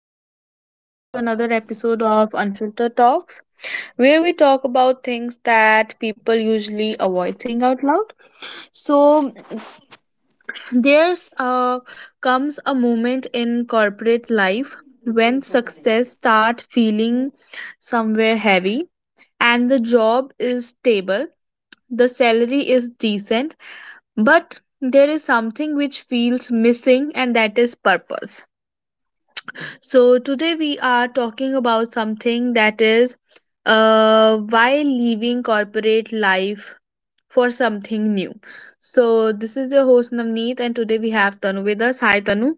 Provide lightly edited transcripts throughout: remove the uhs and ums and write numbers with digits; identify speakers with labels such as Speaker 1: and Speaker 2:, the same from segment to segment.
Speaker 1: Welcome back to another episode of Unfiltered Talks, where we talk about things that people usually avoid saying out loud. So, there's Comes a moment in corporate life when success start feeling somewhere heavy and the job is stable, the salary is decent, but there is something which feels missing and that is purpose. So, today we are talking about something that is, why leaving corporate life for something new. So, this is your host Navneet, and today we have Tanu with us. Hi, Tanu.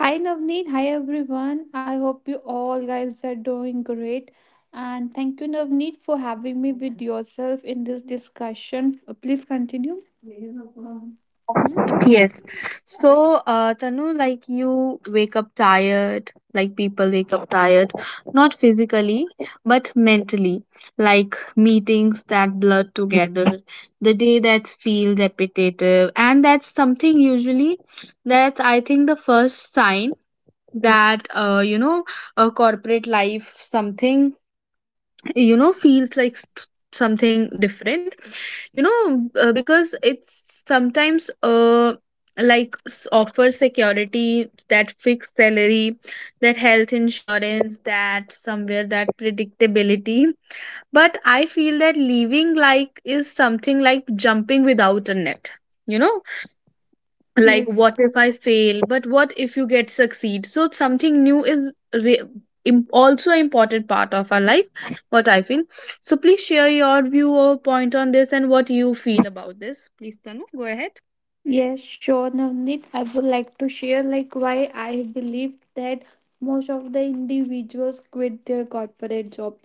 Speaker 2: Hi Navneet, hi everyone. I hope you all guys are doing great. And thank you, Navneet, for having me with yourself in this discussion. Please continue. Hmm?
Speaker 1: Yes. So, Tanu, like you wake up tired, like people wake up tired, not physically, but mentally, like meetings that blur together, the day that feels repetitive, and that's something usually that I think the first sign that a corporate life something, you know, feels like something different, you know. Uh, because it's sometimes like offer security, that fixed salary, that health insurance, that somewhere that predictability, but I feel that leaving like is something like jumping without a net, you know, like
Speaker 2: Yes.
Speaker 1: what if I fail, but what if you get succeed, so something new is re- also an important part of our life, what I feel. So please share your view or point on this and what you feel about this, please Tanu, go ahead.
Speaker 2: Yes, sure, Navneet. I would like to share like why I believe that most of the individuals quit their corporate job.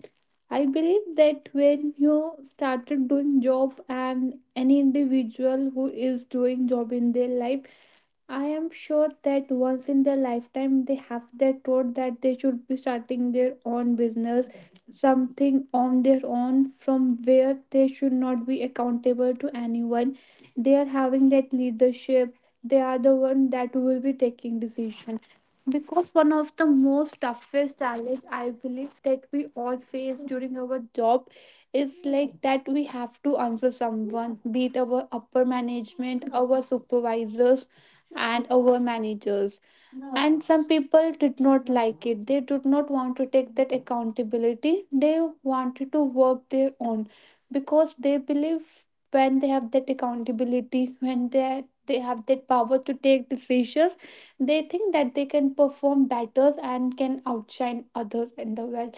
Speaker 2: I believe that when you started doing job and any individual who is doing job in their life I am sure that once in their lifetime they have their thought that they should be starting their own business, something on their own from where they should not be accountable to anyone. They are having that leadership. They are the one that will be taking decision. Because one of the most toughest challenge I believe that we all face during our job is like that we have to answer someone, be it our upper management, our supervisors and our managers. And some people did not like it. They did not want to take that accountability. They wanted to work their own because they believe when they have that accountability, when they have that power to take decisions, they think that they can perform better and can outshine others in the world.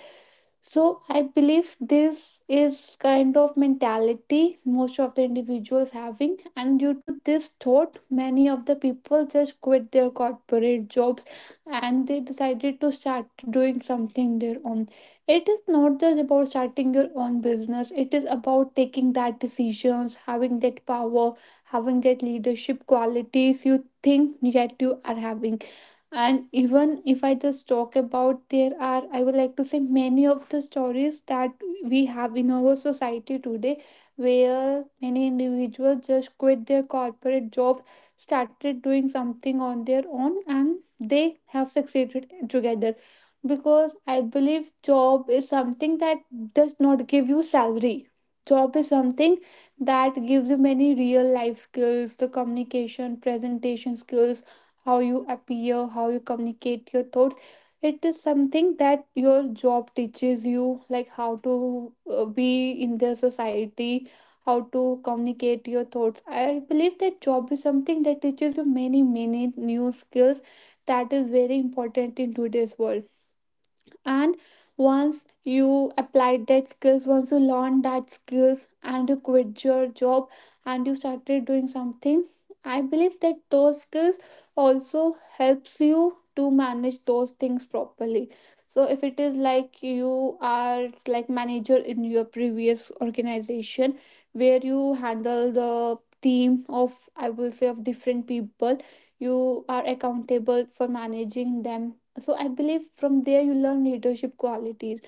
Speaker 2: So I believe this is kind of mentality most of the individuals having, and due to this thought, many of the people just quit their corporate jobs and they decided to start doing something their own. It is not just about starting your own business, it is about taking that decisions, having that power, having that leadership qualities you think yet you are having, and even if I just talk about, there are, I would like to say, many of the stories that we have in our society today where many individuals just quit their corporate job, started doing something on their own, and they have succeeded together. Because I believe job is something that does not give you salary. Job is something that gives you many real life skills, the communication, presentation skills, how you appear, how you communicate your thoughts. It is something that your job teaches you, like how to be in the society, how to communicate your thoughts. I believe that job is something that teaches you many, many new skills that is very important in today's world. And once you applied that skills, once you learned that skills and you quit your job and you started doing something, I believe that those skills also helps you to manage those things properly. So if it is like you are like manager in your previous organization where you handle the team of, I will say, of different people, you are accountable for managing them, so I believe from there you learn leadership qualities.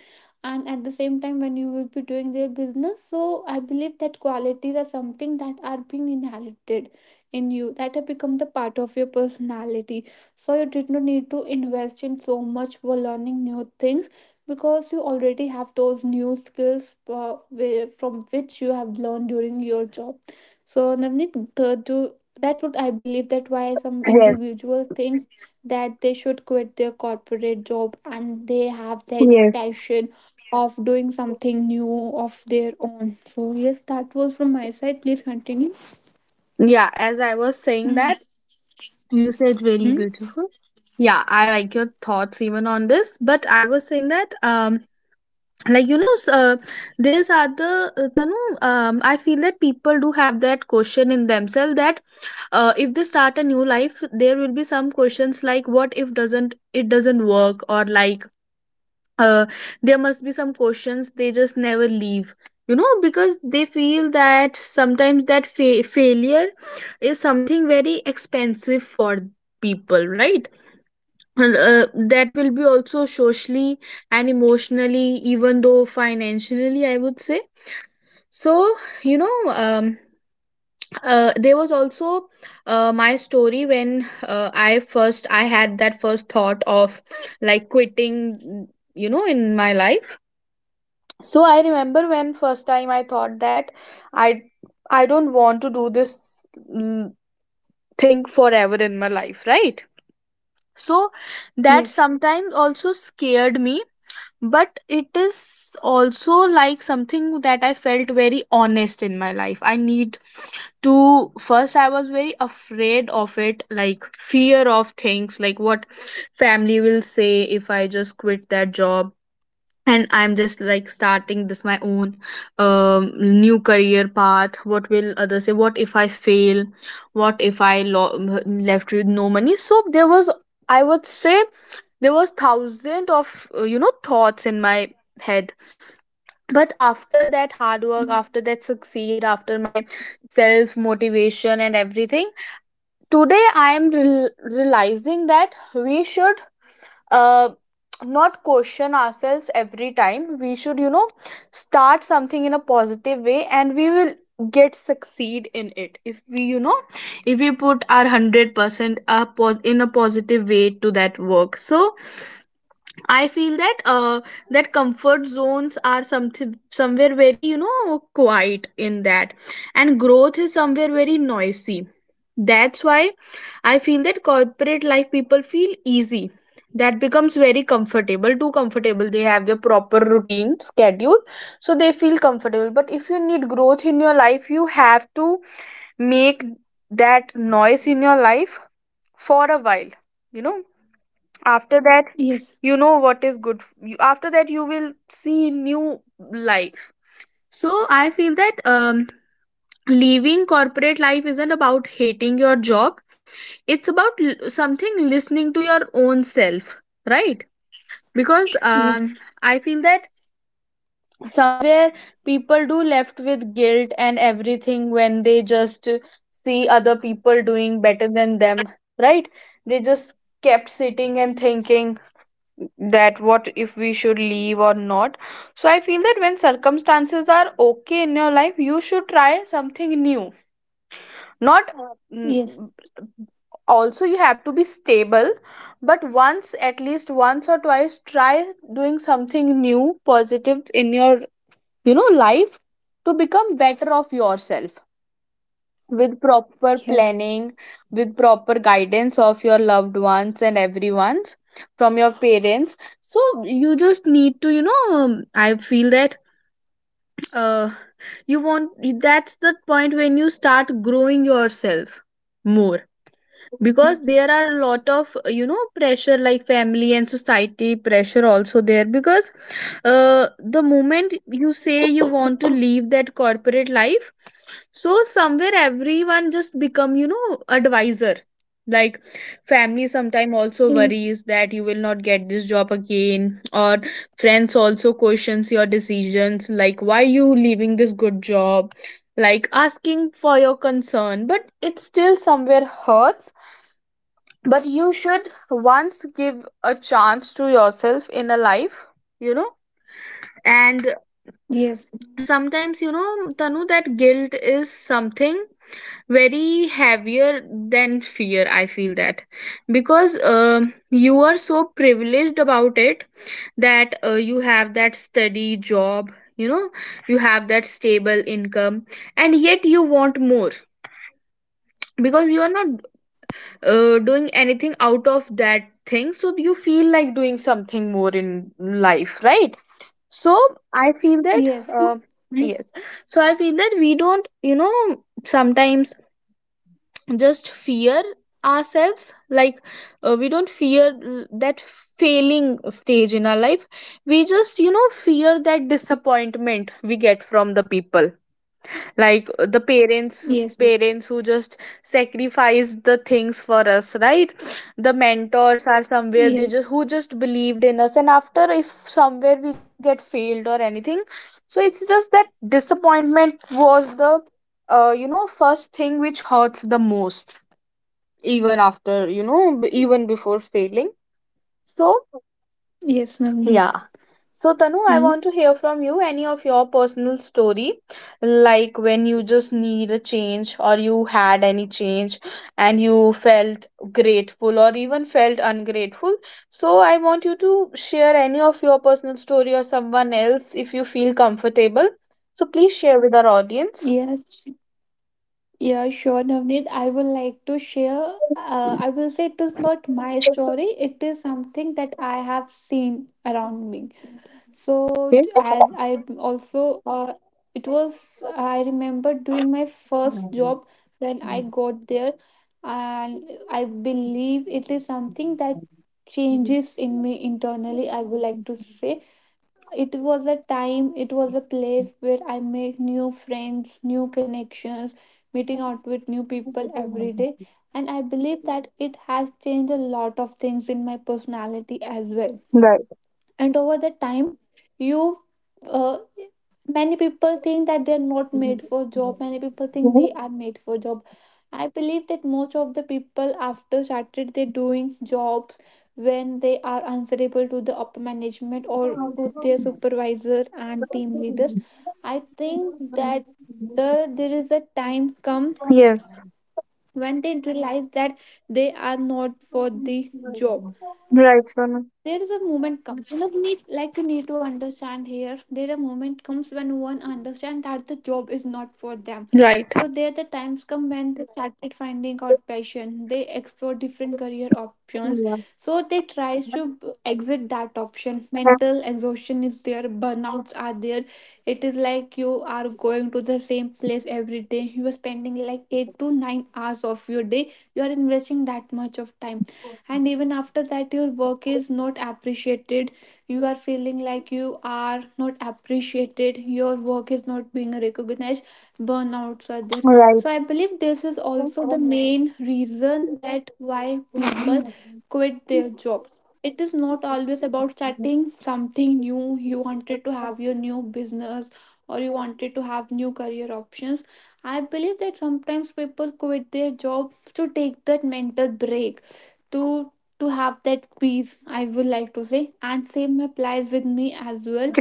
Speaker 2: And at the same time when you will be doing their business, so I believe that qualities are something that are being inherited in you, that have become the part of your personality. So you did not need to invest in so much for learning new things because you already have those new skills from which you have learned during your job. So Navneet, that would, I believe, that why some
Speaker 1: Yes,
Speaker 2: individual things that they should quit their corporate job and they have that
Speaker 1: yes.
Speaker 2: passion of doing something new of their own. So, yes, that was from my side. Please continue.
Speaker 1: Yeah, as I was saying
Speaker 2: Mm.
Speaker 1: that, you said really beautiful. Yeah, I like your thoughts even on this, but I was saying that you know, there's other, Tanu, I feel that people do have that question in themselves that, if they start a new life there will be some questions like what if doesn't work, or like, uh, there must be some questions they just never leave, you know, because they feel that sometimes that failure is something very expensive for people, right? And, that will be also socially and emotionally, even though financially I would say. So, you know um there was also, my story when, I had that first thought of like quitting, you know, in my life. So I remember when first time I thought that i i don't want to do this, mm, thing forever in my life, right? So that
Speaker 2: Yes.
Speaker 1: sometimes also scared me, but it is also like something that I felt very honest in my life, I need to. First I was very afraid of it, like fear of things, like what family will say if I just quit that job and I'm just like starting this my own, new career path, what will others say, what if I fail, what if I left with no money. So there was, I would say, there was thousand of, thoughts in my head. But after that hard work,
Speaker 2: Mm.
Speaker 1: after that succeed, after my self motivation and everything, today I am rel realizing that we should, uh, not question ourselves every time, we should, you know, start something in a positive way and we will get succeed in it if we, you know, if we put our 100% in a positive way to that work. So I feel that that comfort zones are something somewhere very, you know, quiet in that, and growth is somewhere very noisy. That's why I feel that corporate life people feel easy. That becomes very comfortable, too comfortable. They have their proper routine, schedule, so they feel comfortable. But if you need growth in your life, you have to make that noise in your life for a while. You know, after that
Speaker 2: Yes.
Speaker 1: you know what is good you, after that you will see new life. So I feel that, leaving corporate life isn't about hating your job. It's about something listening to your own self, right? Because,
Speaker 2: Yes.
Speaker 1: I feel that somewhere people do left with guilt and everything when they just see other people doing better than them, right? They just kept sitting and thinking that what if we should leave or not. So I feel that when circumstances are okay in your life you should try something new, not n-
Speaker 2: Yes.
Speaker 1: also you have to be stable, but once, at least once or twice try doing something new positive in your, you know, life, to become better of yourself, with proper
Speaker 2: Yes.
Speaker 1: planning, with proper guidance of your loved ones and everyone's, from your parents. So you just need to, you know, I feel that, uh you want, that's the point when you start growing yourself more, because there are a lot of, you know, pressure, like family and society pressure also there, because, the moment you say you want to leave that corporate life, so somewhere everyone just become, you know, advisor, like family sometime also
Speaker 2: Yes. Yes.
Speaker 1: worries that you will not get this job again, or friends also questions your decisions, like why you leaving this good job, like asking for your concern, but it still somewhere hurts, but you should once give a chance to yourself in a life, you know. And
Speaker 2: Yes.
Speaker 1: sometimes, you know, Tanu, that guilt is something very heavier than fear, I feel that, because, you are so privileged about it, that, you have that steady job, you know, you have that stable income, and yet you want more, because you are not, doing anything out of that thing, so you feel like doing something more in life, right? So I feel that, uh,
Speaker 2: Yes.
Speaker 1: yes. So I feel that we don't, you know, sometimes just fear ourselves, like, we don't fear that failing stage in our life, we just, you know, fear that disappointment we get from the people, like, the parents,
Speaker 2: Yes.
Speaker 1: parents who just sacrificed the things for us, right? The mentors are somewhere, they
Speaker 2: Yes.
Speaker 1: just, who just believed in us, and after if somewhere we just get failed or anything. So it's just that disappointment was the, first thing which hurts the most, even after, even before failing. So
Speaker 2: Yes, Navneet.
Speaker 1: yeah, so, Tanu, I
Speaker 2: Hmm?
Speaker 1: want to hear from you any of your personal story, like when you just need a change or you had any change and you felt grateful or even felt ungrateful. So, I want you to share any of your personal story or someone else if you feel comfortable. So, please share with our audience.
Speaker 2: Yes. Yeah, sure, Navneet. I would like to share. I will say it is not my
Speaker 1: It's
Speaker 2: story. It is something that I have seen around me. So,
Speaker 1: okay.
Speaker 2: as I also, it was, I remember during my first job when I got there, and I believe it is something that changes in me internally. I would like to say it was a time, it was a place where I make new friends, new connections, meeting out with new people every day. And I believe that it has changed a lot of things in my personality as well.
Speaker 1: Right.
Speaker 2: And over the time, you uh, many people think that they're not made for job, many people think they are made for job. I believe that most of the people after started they doing jobs, when they are answerable to the upper management or to their supervisor and team leaders, I think that there is a time come
Speaker 1: Yes.
Speaker 2: when they realize that they are not for the job.
Speaker 1: Right, Sona.
Speaker 2: There is a moment comes, you know, need, like, you need to understand here, there a moment comes when no one understands that the job is not for them.
Speaker 1: Right.
Speaker 2: So there the times come when they started finding out passion, they explore different career options.
Speaker 1: Yeah.
Speaker 2: So they tries to exit that option. Mental exhaustion is there, burnouts are there. It is like you are going to the same place every day, you are spending like 8 to 9 hours of your day, you are investing that much of time, and even after that your work is not appreciated, you are feeling like you are not appreciated, your work is not being recognized, burnouts are there. So I believe this is also the main reason that why people quit their
Speaker 1: Right.
Speaker 2: jobs. It is not always about starting something new, you wanted to have
Speaker 1: Okay.
Speaker 2: your new business or you wanted to have new career options. I believe that sometimes people quit their jobs to take that mental break, to have that peace, I would like to say, and same applies with me as well.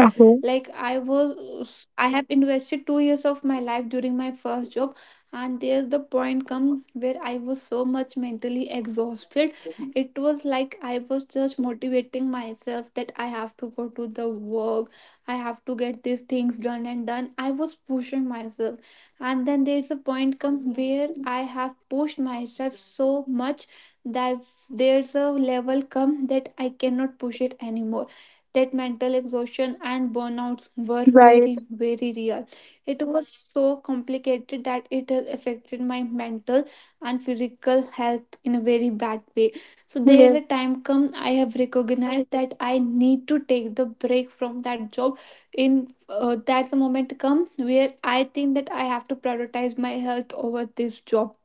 Speaker 2: Like I have invested 2 years of my life during my first job, and there's the point come where I was so much mentally exhausted. It was like I was just motivating myself that I have to go to the work, I have to get these things done and done, I was pushing myself. And then there's a point come where I have pushed myself so much, that's there's a level come that I cannot push it anymore. That mental exhaustion and burnouts were
Speaker 1: Right.
Speaker 2: very, very real. It was so complicated that it has affected my mental and physical health in a very bad way. So there
Speaker 1: Yes.
Speaker 2: a time come I have recognized that I need to take the break from that job. In That's a moment comes where I think that I have to prioritize my health over this job.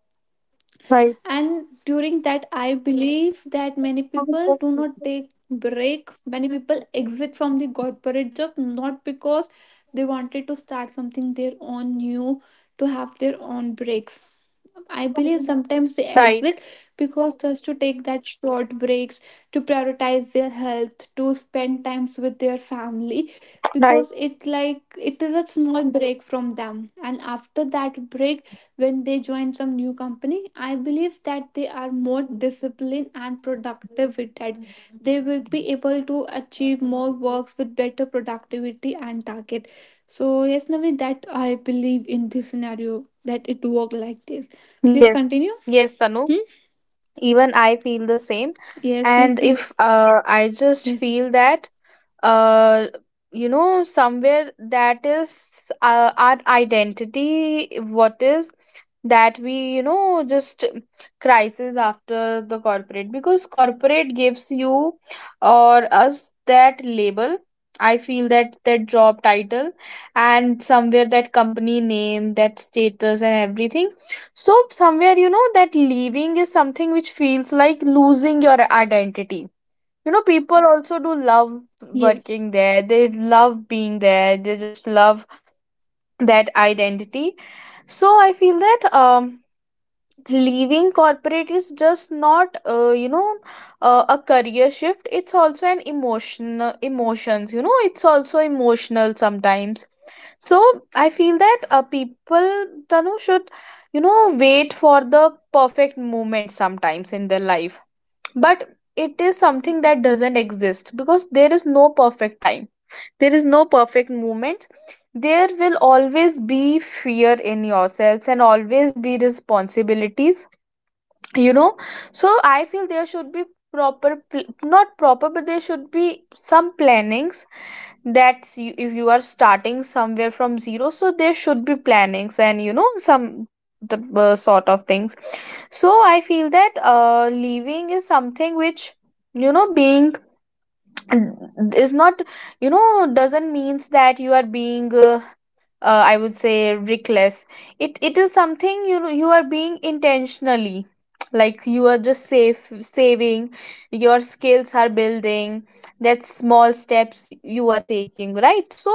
Speaker 1: Right.
Speaker 2: And during that I believe that many people do not take break, many people exit from the corporate job not because they wanted to start something their own new, to have their own breaks. I believe sometimes they
Speaker 1: Right.
Speaker 2: exit because just to take that short breaks, to prioritize their health, to spend times with their family,
Speaker 1: Right.
Speaker 2: because it like it is a small break from them. And after that break, when they join some new company, I believe that they are more disciplined and productive with that. They will be able to achieve more works with better productivity and target. So yes, Navi, that I believe in this scenario that it work like this. Please
Speaker 1: Yes.
Speaker 2: continue.
Speaker 1: Yes, Tanu.
Speaker 2: Hmm?
Speaker 1: Even I feel the same.
Speaker 2: Yes, please.
Speaker 1: And if, I just
Speaker 2: Yes,
Speaker 1: feel that, uh, you know, somewhere that is, our identity. What is that we, you know, just crisis after the corporate, because corporate gives you or us that label. I feel that that job title, and somewhere that company name, that status and everything, so somewhere, you know, that leaving is something which feels like losing your identity, you know. People also do love
Speaker 2: yes,
Speaker 1: working there, they love being there, they just love that identity. So I feel that, leaving corporate is just not, a career shift, it's also an emotions, you know, it's also emotional sometimes. So I feel that, people Tanu should, you know, wait for the perfect moment sometimes in their life, but it is something that doesn't exist, because there is no perfect time, there is no perfect moment, there will always be fear in yourselves, and always be responsibilities, you know. So I feel there should be not proper, but there should be some plannings, that's you, if you are starting somewhere from zero, so there should be plannings and you know some the sort of things. So I feel that leaving is something which, you know, being is not, you know, doesn't means that you are being, I would say, reckless. It is something, you know, you are being intentionally, like you are just safe saving, your skills are building, that small steps you are taking, right? So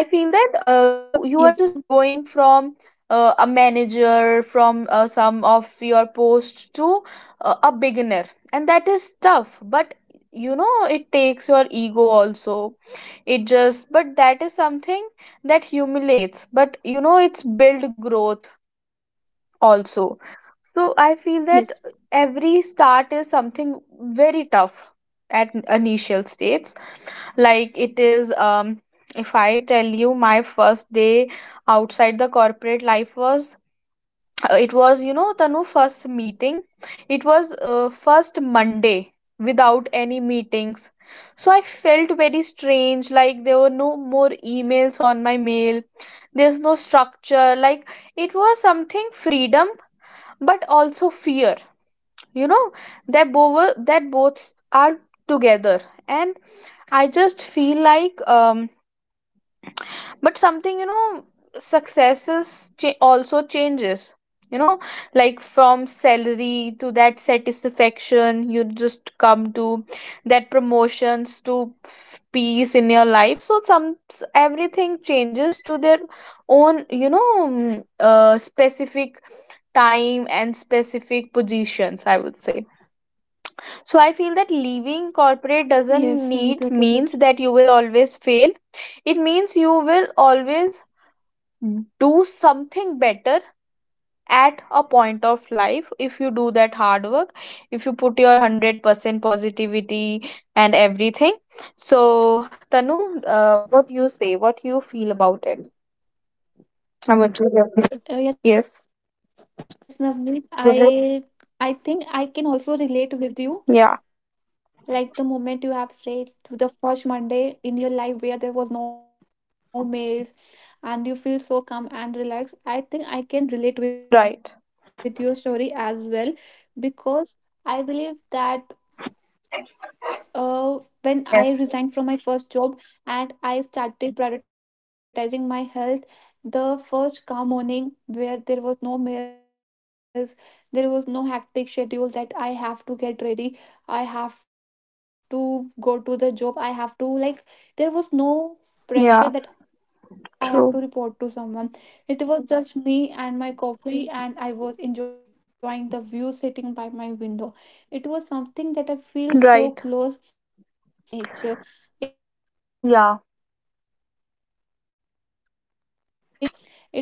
Speaker 1: I feel that, you are just
Speaker 2: yes,
Speaker 1: going from, a manager, from, some of your post to, a beginner, and that is tough, but you know, it takes your ego also, it just, but that is something that humiliates, but you know, it's build growth also. So I feel that
Speaker 2: yes,
Speaker 1: every start is something very tough at initial states. Like it is, if I tell you my first day outside the corporate life was, it was, you know, Tanu, first meeting, it was, first monday without any meetings. So I felt very strange, like there were no more emails on my mail, there's no structure, like it was something freedom, but also fear, you know, that both are together. And I just feel like, but something, you know, successes also changes, you know, like from salary to that satisfaction you just come to that promotions to peace in your life. So everything changes to their own, you know, specific time and specific positions, I would say. So I feel that leaving
Speaker 2: yes.
Speaker 1: corporate
Speaker 2: Navneet, you're
Speaker 1: doesn't
Speaker 2: totally
Speaker 1: need means that you will always fail. It means you will always do something better at a point of life, if you do that hard work, if you put your 100% positivity and everything. So Tanu, what you say, what you feel about it, how much you have. Yes.
Speaker 2: Yes, Navneet,
Speaker 1: Mhm.
Speaker 2: I think I can also relate with you.
Speaker 1: Yeah.
Speaker 2: Like the moment you have said to the first Monday in your life where there was no mails and you feel so calm and relaxed. I think I can relate with your story as well
Speaker 1: Right.
Speaker 2: because I believe that when I resigned from my first job and
Speaker 1: Yes.
Speaker 2: I started prioritizing my health, the first calm morning where there was no meals, there was no hectic schedule that I have to get ready, I have to go to the job, I have to like, there was no pressure that I have to report to someone.
Speaker 1: Yeah.
Speaker 2: It was just me
Speaker 1: True.
Speaker 2: and my coffee, and I was enjoying the view sitting by my window. It was something that I feel so close, I feel like that I am
Speaker 1: Right.
Speaker 2: connected to the universe and nature. It is
Speaker 1: Yeah.
Speaker 2: those are the moments I think what we called for life.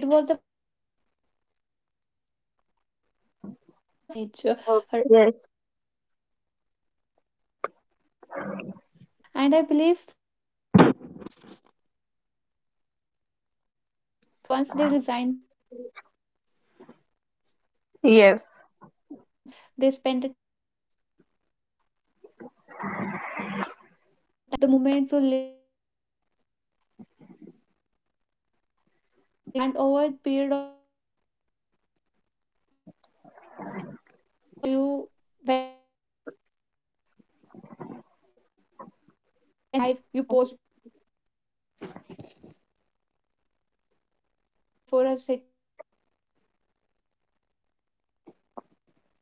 Speaker 2: It was the first time in my life that I feel so connected to the universe and nature.
Speaker 1: Yes.
Speaker 2: I totally believe, I totally relate with you over this. And I believe many of our audience will also can relate to this because once they resign from their job and they started prioritizing
Speaker 1: Yes.
Speaker 2: their health, they spend the time with their family and friends, the new memories you create, the moments you live for, you actually crave them from a very long period of time. And over a period of the time you make new memories, and when you do, when you in your old age you think for your life, you pause for a second and you think. And these moments are something I would like to say have a soft corner in your heart. And when you think about those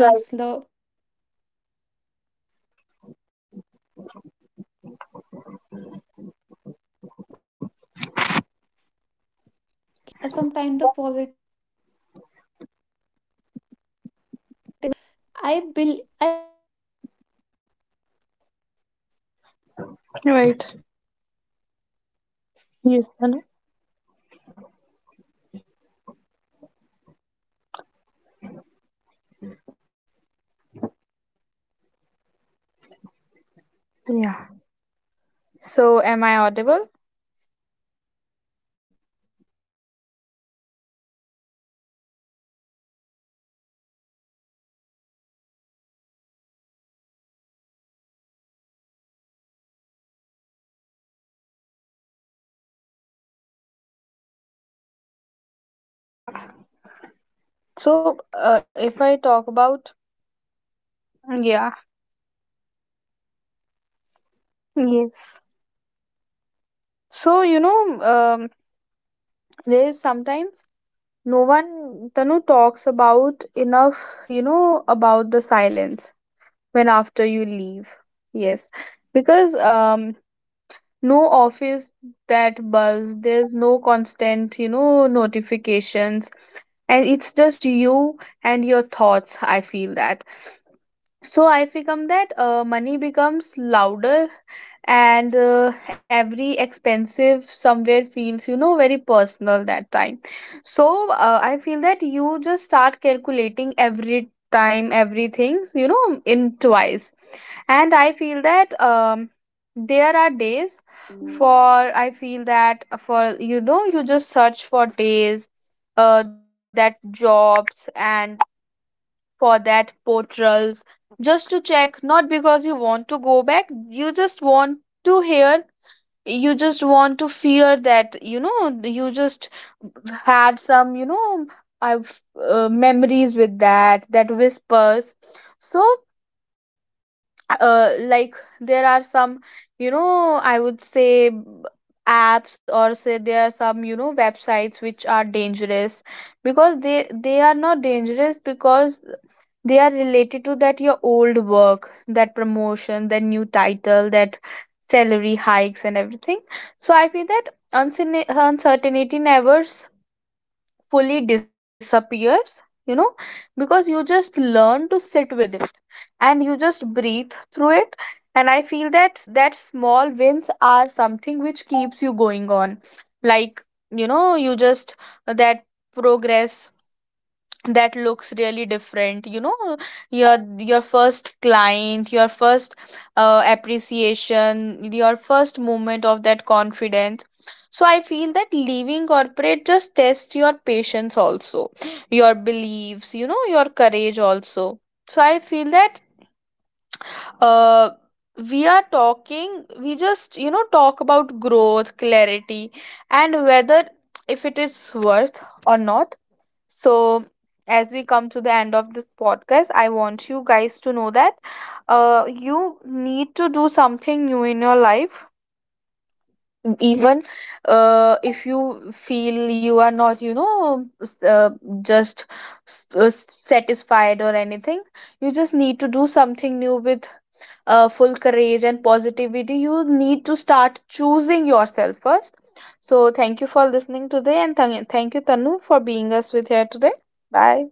Speaker 1: Right.
Speaker 2: the so much effort you have put them, I believe these are also some kind of positive memories. But if we compare both of these moments, I believe the moments you spend with your family have a more weightage. And I bel and I also believe at the same time that
Speaker 1: Right.
Speaker 2: most of the moment I
Speaker 1: Yes
Speaker 2: also
Speaker 1: Tanu.
Speaker 2: believe that you need to understand where's the point come. You need to stop saying no, there is a moment you need to understand that it is a time to
Speaker 1: Yeah.
Speaker 2: exit from your
Speaker 1: So
Speaker 2: job.
Speaker 1: am I audible?
Speaker 2: Yes Navneet, you are audible to you me. Am I audible to you? Hmm? Okay Navneet, so I was
Speaker 1: Am
Speaker 2: just
Speaker 1: I
Speaker 2: saying
Speaker 1: audible, Tanu?
Speaker 2: that there is a moment come you need to
Speaker 1: Tanu,
Speaker 2: realize
Speaker 1: am I
Speaker 2: that
Speaker 1: audible?
Speaker 2: there's a point have come in your life, you cannot pursue this job further for a further more point of time. You
Speaker 1: Yeah.
Speaker 2: need to prioritize your health and
Speaker 1: So,
Speaker 2: family over
Speaker 1: if I
Speaker 2: this.
Speaker 1: talk
Speaker 2: So
Speaker 1: about,
Speaker 2: yes, please continue.
Speaker 1: yeah,
Speaker 2: Yes Navneet, continue please.
Speaker 1: yes.
Speaker 2: Hmm.
Speaker 1: So you know, there is sometimes no one Tanu
Speaker 2: Okay,
Speaker 1: talks about
Speaker 2: okay,
Speaker 1: enough, you know, about the silence
Speaker 2: okay.
Speaker 1: when after
Speaker 2: So
Speaker 1: you
Speaker 2: I was
Speaker 1: leave.
Speaker 2: just saying
Speaker 1: Yes,
Speaker 2: that one
Speaker 1: because
Speaker 2: needs to understand when
Speaker 1: no
Speaker 2: there's a
Speaker 1: office,
Speaker 2: point come
Speaker 1: that buzz,
Speaker 2: that you
Speaker 1: there's
Speaker 2: need to
Speaker 1: no
Speaker 2: understand that
Speaker 1: constant,
Speaker 2: it
Speaker 1: you
Speaker 2: is a
Speaker 1: know,
Speaker 2: time you cannot pursue
Speaker 1: notifications,
Speaker 2: this job
Speaker 1: and
Speaker 2: further.
Speaker 1: it's just
Speaker 2: And when
Speaker 1: you
Speaker 2: this moment
Speaker 1: and your
Speaker 2: come I
Speaker 1: thoughts. I
Speaker 2: believe it's
Speaker 1: feel that.
Speaker 2: better to resign from
Speaker 1: So
Speaker 2: that
Speaker 1: I
Speaker 2: job,
Speaker 1: become that,
Speaker 2: and to
Speaker 1: money
Speaker 2: just
Speaker 1: becomes
Speaker 2: not to
Speaker 1: louder,
Speaker 2: save more. It's
Speaker 1: and
Speaker 2: not about staying
Speaker 1: every
Speaker 2: there and having
Speaker 1: expensive
Speaker 2: waiting for that
Speaker 1: somewhere
Speaker 2: salary.
Speaker 1: feels, you know, very
Speaker 2: Sometimes you need
Speaker 1: personal
Speaker 2: to
Speaker 1: that
Speaker 2: spend
Speaker 1: time.
Speaker 2: time with your
Speaker 1: So
Speaker 2: family and
Speaker 1: I feel
Speaker 2: friends, the
Speaker 1: that you
Speaker 2: connections
Speaker 1: just
Speaker 2: that
Speaker 1: start
Speaker 2: you have made,
Speaker 1: calculating
Speaker 2: they
Speaker 1: every
Speaker 2: also
Speaker 1: time
Speaker 2: need your
Speaker 1: everything,
Speaker 2: time,
Speaker 1: you
Speaker 2: you
Speaker 1: know,
Speaker 2: need to
Speaker 1: in
Speaker 2: invest in
Speaker 1: twice.
Speaker 2: those
Speaker 1: And
Speaker 2: relationship
Speaker 1: I feel
Speaker 2: to make
Speaker 1: that
Speaker 2: it more stronger
Speaker 1: there are
Speaker 2: and
Speaker 1: days,
Speaker 2: make it feel
Speaker 1: for
Speaker 2: over a
Speaker 1: I feel
Speaker 2: certain
Speaker 1: that,
Speaker 2: period
Speaker 1: for
Speaker 2: of time.
Speaker 1: you know, you just
Speaker 2: And
Speaker 1: search for
Speaker 2: I also
Speaker 1: days
Speaker 2: believe that once you
Speaker 1: that
Speaker 2: quit that job
Speaker 1: jobs
Speaker 2: and
Speaker 1: and
Speaker 2: you started that
Speaker 1: for
Speaker 2: business
Speaker 1: that
Speaker 2: idea, you
Speaker 1: portals
Speaker 2: actually
Speaker 1: just to
Speaker 2: have
Speaker 1: check,
Speaker 2: that
Speaker 1: not because you want to go
Speaker 2: thinking for
Speaker 1: back,
Speaker 2: a very
Speaker 1: you just
Speaker 2: long
Speaker 1: want
Speaker 2: period
Speaker 1: to
Speaker 2: of
Speaker 1: hear,
Speaker 2: time.
Speaker 1: you just
Speaker 2: And
Speaker 1: want to
Speaker 2: when you
Speaker 1: fear
Speaker 2: quit
Speaker 1: that,
Speaker 2: your
Speaker 1: you
Speaker 2: job
Speaker 1: know, you
Speaker 2: and you
Speaker 1: just
Speaker 2: started doing it,
Speaker 1: had
Speaker 2: I
Speaker 1: some, you
Speaker 2: believe
Speaker 1: know,
Speaker 2: there will
Speaker 1: I've
Speaker 2: be no pain of
Speaker 1: memories
Speaker 2: regret.
Speaker 1: with that,
Speaker 2: Okay,
Speaker 1: that
Speaker 2: you
Speaker 1: whispers.
Speaker 2: might be failed,
Speaker 1: So
Speaker 2: but if in your old
Speaker 1: like,
Speaker 2: age when you
Speaker 1: there
Speaker 2: will
Speaker 1: are
Speaker 2: be lying
Speaker 1: some,
Speaker 2: on your
Speaker 1: you
Speaker 2: death,
Speaker 1: know, I would say
Speaker 2: you will not be having
Speaker 1: apps,
Speaker 2: that
Speaker 1: or say
Speaker 2: feeling,
Speaker 1: there are some, you
Speaker 2: oh
Speaker 1: know,
Speaker 2: shit, I
Speaker 1: websites
Speaker 2: want to
Speaker 1: which are
Speaker 2: try this.
Speaker 1: dangerous,
Speaker 2: You will be having
Speaker 1: because
Speaker 2: that
Speaker 1: they
Speaker 2: feeling,
Speaker 1: they are
Speaker 2: okay,
Speaker 1: not
Speaker 2: I have
Speaker 1: dangerous
Speaker 2: that business
Speaker 1: because
Speaker 2: idea, I
Speaker 1: they are
Speaker 2: give it a
Speaker 1: related to
Speaker 2: try.
Speaker 1: that your
Speaker 2: It's
Speaker 1: old
Speaker 2: okay,
Speaker 1: work,
Speaker 2: things might
Speaker 1: that
Speaker 2: not work out.
Speaker 1: promotion, that new
Speaker 2: You will be not
Speaker 1: title, that
Speaker 2: having that feeling of
Speaker 1: salary hikes
Speaker 2: regret
Speaker 1: and everything.
Speaker 2: that,
Speaker 1: So I feel
Speaker 2: oh,
Speaker 1: that
Speaker 2: I need to understand this,
Speaker 1: uncertainty
Speaker 2: this,
Speaker 1: never
Speaker 2: and in that way. Hmm.
Speaker 1: fully
Speaker 2: So, Yasnamni,
Speaker 1: disappears,
Speaker 2: just
Speaker 1: you
Speaker 2: please
Speaker 1: know,
Speaker 2: continue if you
Speaker 1: because
Speaker 2: want
Speaker 1: you
Speaker 2: to say
Speaker 1: just
Speaker 2: anything to
Speaker 1: learn
Speaker 2: our
Speaker 1: to sit
Speaker 2: audience.
Speaker 1: with it, and you just breathe through it. And I feel that that small wins are something which keeps you going on. Like, you know, you just that progress, that looks really different, you know. Your first client, your first appreciation, your first moment of that confidence. So I feel that leaving corporate just tests your patience also, your beliefs, you know, your courage also. So I feel that uh we are talking, we just, you know, talk about growth, clarity, and whether if it is worth or not. So, as we come to the end of this podcast, I want you guys to know that you need to do something new in your life. Even if you feel you are not, you know, just satisfied or anything, you just need to do something new with full courage and positivity. You need to start choosing yourself first. So, thank you for listening today, and thank you, Tanu, for being us with here today. Bye.